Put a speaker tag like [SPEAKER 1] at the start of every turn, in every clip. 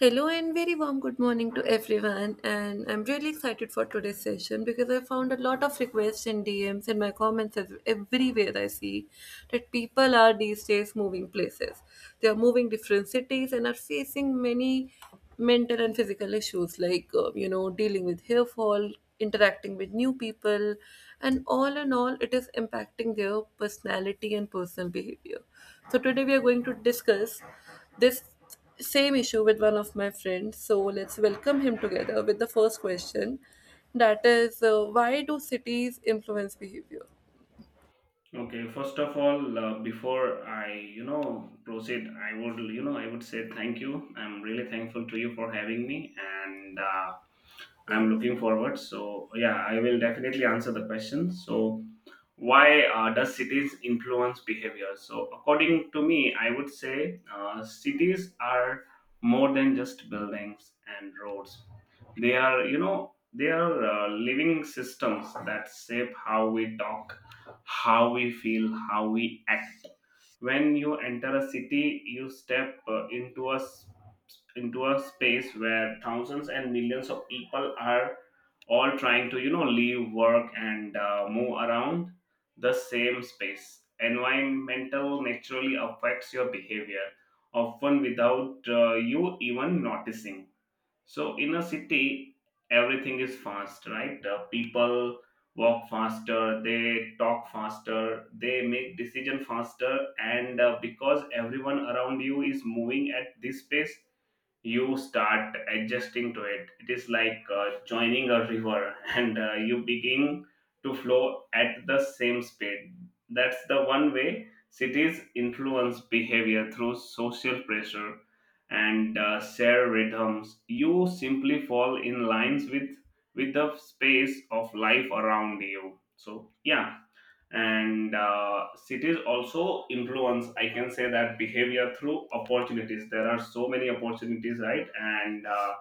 [SPEAKER 1] Hello and very warm good morning to everyone. And I'm really excited for today's session because I found a lot of requests in DMs and DMs in my comments, everywhere I see that people are these days moving places. They are moving different cities and are facing many mental and physical issues like, dealing with hair fall, interacting with new people, and all in all, it is impacting their personality and personal behavior. So, today we are going to discuss this same issue with one of my friends, so let's welcome him together with the first question, that is, why do cities influence behavior?
[SPEAKER 2] Okay, first of all, before I proceed, I I would say thank you. I'm really thankful to you for having me, and
[SPEAKER 1] Yeah.
[SPEAKER 2] I'm looking forward. So, yeah, I will definitely answer the question. So, why does cities influence behavior? So, according to me, I would say cities are more than just buildings and roads. They are they are living systems that shape how we talk, how we feel, how we act. When you enter a city, you step into a space where thousands and millions of people are all trying to leave work and move around the same space. Environmental naturally affects your behavior, often without you even noticing. So in a city, everything is fast, right? People walk faster, they talk faster, they make decision faster, and because everyone around you is moving at this pace, you start adjusting to it. It is like joining a river and you begin to flow at the same speed. That's the one way cities influence behavior, through social pressure and share rhythms. You simply fall in lines with the space of life around you. So yeah. And cities also influence, I can say that, behavior through opportunities. There are so many opportunities, right? And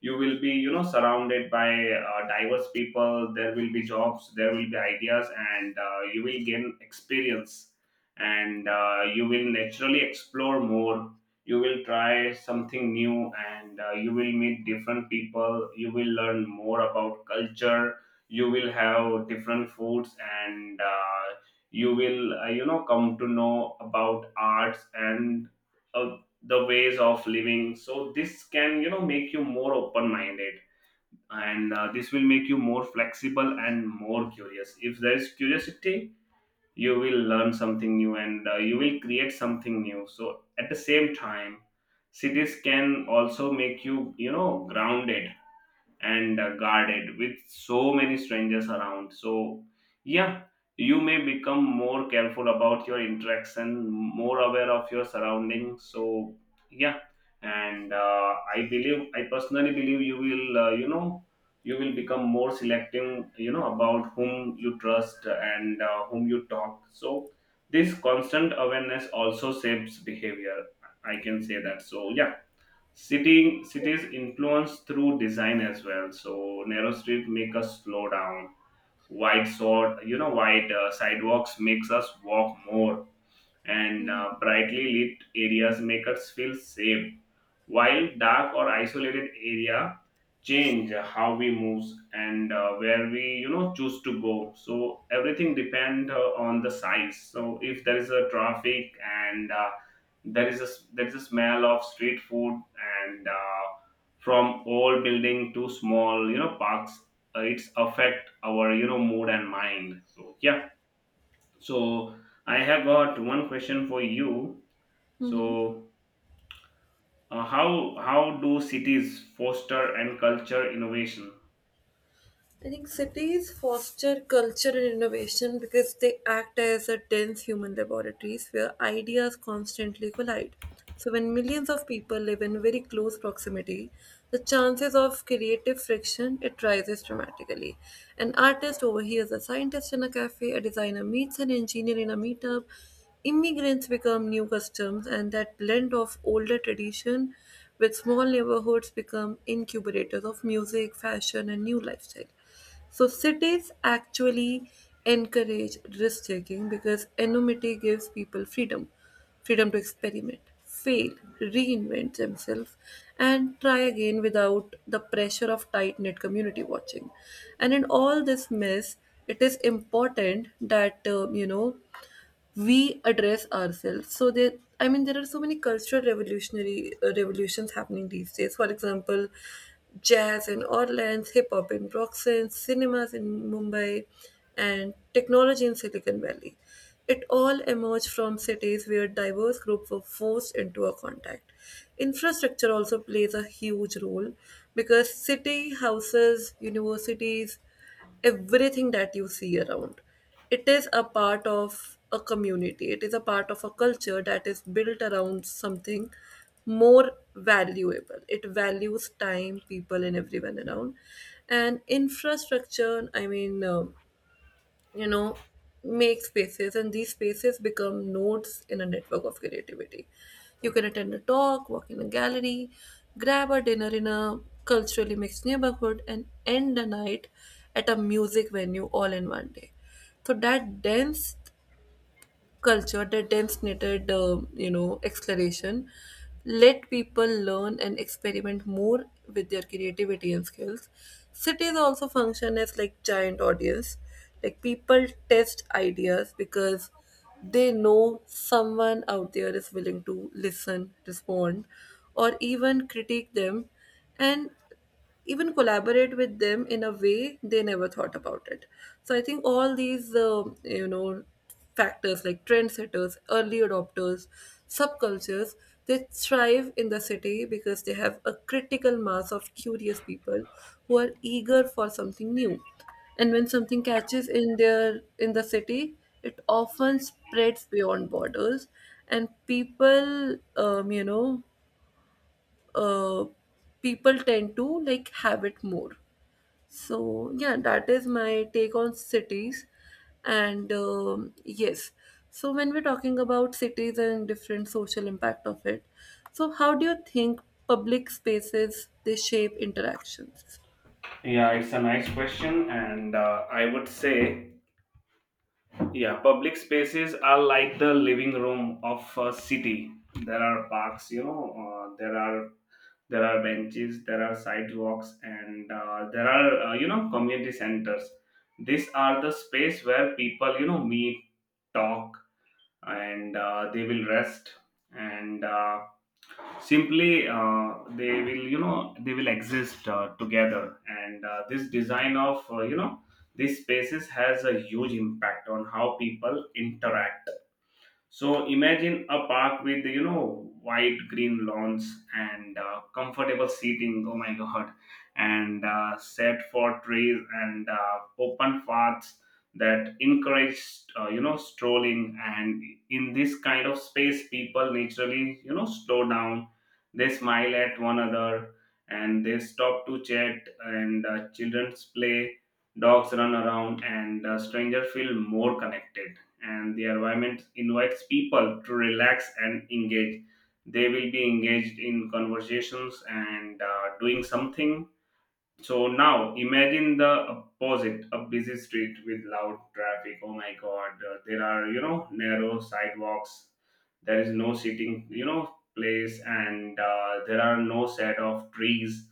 [SPEAKER 2] you will be, surrounded by diverse people. There will be jobs, there will be ideas, and you will gain experience, and you will naturally explore more. You will try something new, and you will meet different people. You will learn more about culture, you will have different foods, and come to know about arts and uh, the ways of living. So this can, make you more open minded, and this will make you more flexible and more curious. If there is curiosity, you will learn something new, and you will create something new. So at the same time, cities can also make you, you know grounded and guarded with so many strangers around. So, yeah, you may become more careful about your interaction, more aware of your surroundings. So, yeah, and I personally believe you will, you will become more selective, about whom you trust and whom you talk. So, this constant awareness also shapes behavior. I can say that. So, yeah. City cities influence through design as well. So narrow street make us slow down. Wide sidewalks makes us walk more, and brightly lit areas make us feel safe. While dark or isolated area change how we move and where we, choose to go. So everything depend on the size. So if there is a traffic, and there is a there is a smell of street food, and from old building to small, parks, it's affect our, mood and mind. So yeah. So I have got one question for you.
[SPEAKER 1] Mm-hmm.
[SPEAKER 2] So how do cities foster and culture innovation?
[SPEAKER 1] I think cities foster culture and innovation because they act as a dense human laboratories where ideas constantly collide. So, when millions of people live in very close proximity, the chances of creative friction it rises dramatically. An artist overhears a scientist in a cafe, a designer meets an engineer in a meetup, immigrants become new customs, and that blend of older tradition with small neighborhoods become incubators of music, fashion, and new lifestyle. So cities actually encourage risk taking because anonymity gives people freedom, freedom to experiment, fail, reinvent themselves, and try again without the pressure of tight knit community watching. And in all this mess, it is important that we address ourselves, so there, I mean there are so many cultural revolutionary revolutions happening these days, for example jazz in Orleans, hip hop in Broxton, cinemas in Mumbai and technology in Silicon Valley. It all emerged from cities where diverse groups were forced into a contact. Infrastructure also plays a huge role because city houses universities, everything that you see around. It is a part of a community, it is a part of a culture that is built around something more valuable. It values time, people, and everyone around. And infrastructure, I mean, you know make spaces, and these spaces become nodes in a network of creativity. You can attend a talk, walk in a gallery, grab a dinner in a culturally mixed neighborhood and end the night at a music venue all in one day. So that dense culture that attempts knitted, exploration. Let people learn and experiment more with their creativity and skills. Cities also function as like giant audience. Like people test ideas because they know someone out there is willing to listen, respond, or even critique them. And even collaborate with them in a way they never thought about it. So I think all these factors like trendsetters, early adopters, subcultures, they thrive in the city because they have a critical mass of curious people who are eager for something new. And when something catches in the city, it often spreads beyond borders, and people you know uh, people tend to like have it more. So, yeah, that is my take on cities. And yes, so when we're talking about cities and different social impact of it, so how do you think public spaces they shape interactions?
[SPEAKER 2] Yeah, it's a nice question, and I would say, yeah, public spaces are like the living room of a city. There are parks, there are benches, there are sidewalks, and there are, community centers. These are the space where people, meet, talk, and they will rest, and simply they will, they will exist together. And this design of, these spaces has a huge impact on how people interact. So imagine a park with, wide green lawns and comfortable seating. Oh my God! And set for trees and open paths that encourage, strolling. And in this kind of space, people naturally, slow down. They smile at one another and they stop to chat. And children play, dogs run around, and strangers feel more connected, and the environment invites people to relax and engage. They will be engaged in conversations and doing something. So now imagine the opposite, a busy street with loud traffic. Oh my God, there are, narrow sidewalks. There is no sitting, place, and there are no set of trees.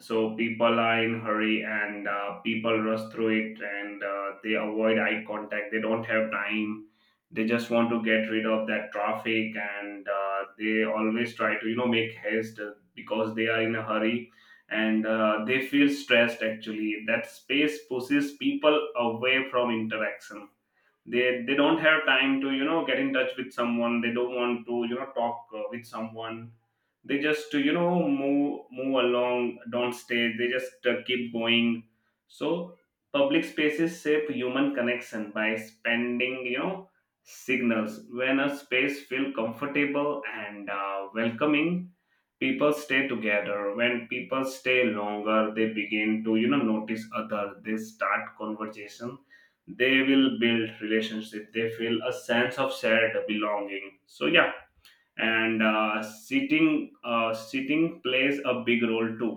[SPEAKER 2] So people are in hurry, and people rush through it, and they avoid eye contact. They don't have time. They just want to get rid of that traffic, and they always try to, make haste because they are in a hurry, and they feel stressed. Actually, that space pushes people away from interaction. They don't have time to, get in touch with someone. They don't want to, talk with someone. They just, move along, don't stay. They just keep going. So public spaces shape human connection by spending, signals. When a space feel comfortable and welcoming, people stay together. When people stay longer, they begin to, notice other. They start conversation, they will build relationship, they feel a sense of shared belonging. So yeah. And sitting plays a big role too.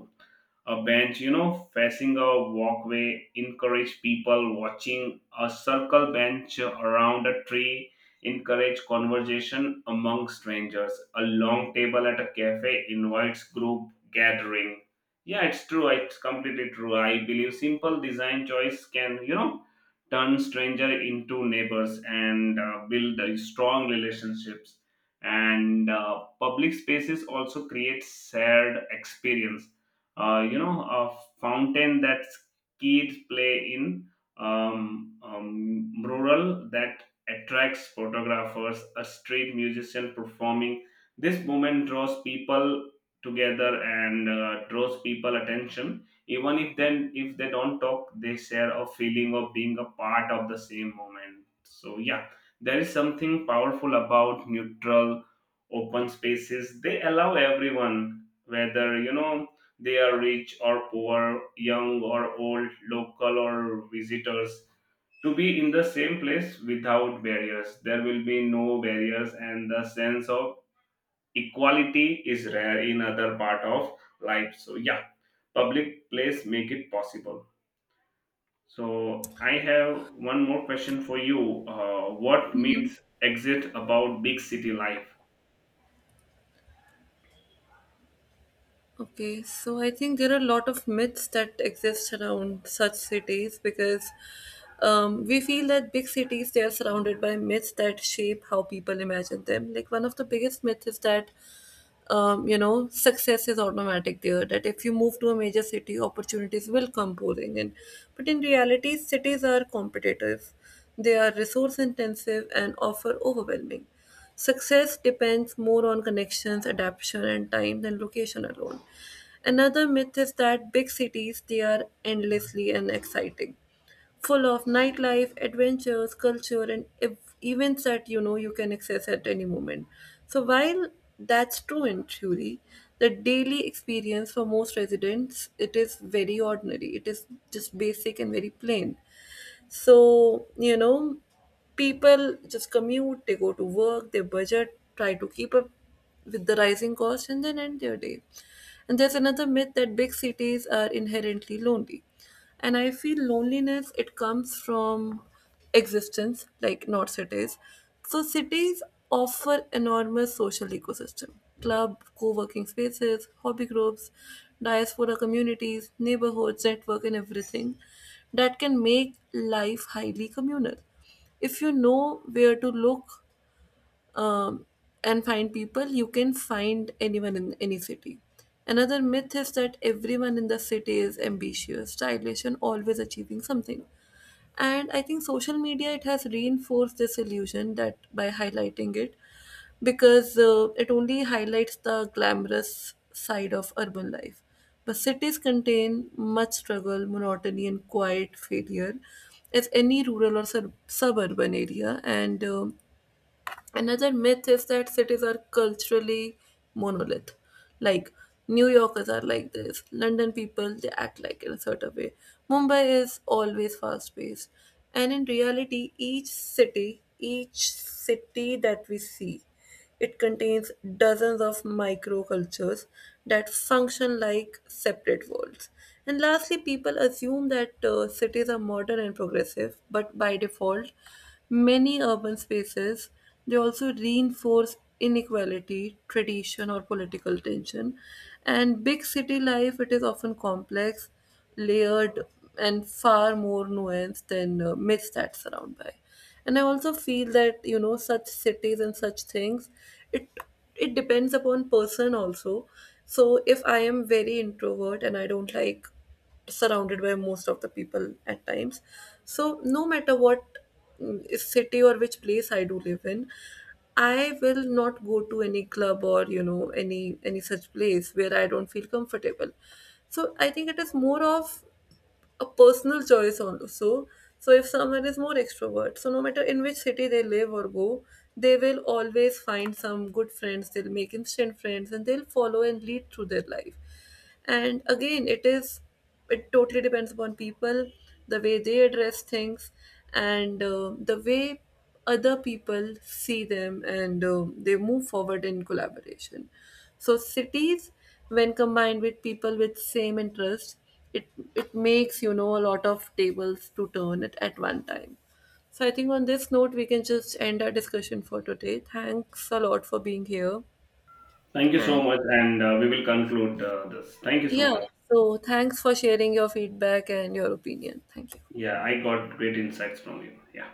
[SPEAKER 2] A bench, facing a walkway, encourage people watching. A circle bench around a tree, encourage conversation among strangers. A long table at a cafe invites group gathering. Yeah, it's true. It's completely true. I believe simple design choice can, turn stranger into neighbors, and build strong relationships. And public spaces also create shared experience. A fountain that kids play in, mural that attracts photographers, a street musician performing, this moment draws people together, and draws people attention. Even if then, if they don't talk, they share a feeling of being a part of the same moment. So yeah. There is something powerful about neutral, open spaces. They allow everyone, whether, they are rich or poor, young or old, local or visitors, to be in the same place without barriers. There will be no barriers, and the sense of equality is rare in other part of life. So yeah, public place make it possible. So I have one more question for you. What myths exist about big city life?
[SPEAKER 1] Okay, so I think there are a lot of myths that exist around such cities because we feel that big cities they are surrounded by myths that shape how people imagine them. Like one of the biggest myths is that success is automatic there. That if you move to a major city, opportunities will come pouring in. But in reality, cities are competitive, they are resource intensive, and offer overwhelming. Success depends more on connections, adaptation, and time than location alone. Another myth is that big cities they are endlessly and exciting, full of nightlife, adventures, culture, and events that you know you can access at any moment. So while that's true in theory, the daily experience for most residents it is very ordinary. It is just basic and very plain. So, you know, people just commute, they go to work, they budget, try to keep up with the rising cost, and then end their day. And there's another myth that big cities are inherently lonely. And I feel loneliness, it comes from existence like not cities, so cities offer enormous social ecosystem, club, co-working spaces, hobby groups, diaspora communities, neighborhoods network and everything that can make life highly communal if you know where to look. um, and find people, you can find anyone in any city. Another myth is that everyone in the city is ambitious, stylish, and always achieving something. And I think social media it has reinforced this illusion that by highlighting it, because it only highlights the glamorous side of urban life. But cities contain much struggle, monotony, and quiet failure as any rural or suburban area. And another myth is that cities are culturally monolith. Like New Yorkers are like this, London people they act like in a certain way. Mumbai is always fast paced. And in reality, each city that we see it contains dozens of microcultures that function like separate worlds. And lastly, people assume that cities are modern and progressive, but by default, many urban spaces they also reinforce inequality, tradition, or political tension. And big city life it is often complex, layered, and far more nuanced than myths that surround by. And I also feel that you know such cities and such things, it it depends upon person also. So if I am very introvert and I don't like surrounded by most of the people at times, so no matter what city or which place I do live in, I will not go to any club or you know any such place where I don't feel comfortable. So I think it is more of a personal choice also. So if someone is more extrovert, so no matter in which city they live or go, they will always find some good friends. They'll make instant friends and they'll follow and lead through their life. And again, it is it totally depends upon people, the way they address things, and the way other people see them and they move forward in collaboration. So cities, when combined with people with same interest, it it makes you know a lot of tables to turn it at one time. So I think on this note we can just end our discussion for today. Thanks a lot for being here.
[SPEAKER 2] Thank you so
[SPEAKER 1] And,
[SPEAKER 2] much, and we will conclude this. Thank you so
[SPEAKER 1] yeah,
[SPEAKER 2] much.
[SPEAKER 1] so thanks for sharing your feedback and your opinion. Thank you.
[SPEAKER 2] Yeah, I got great insights from you. Yeah.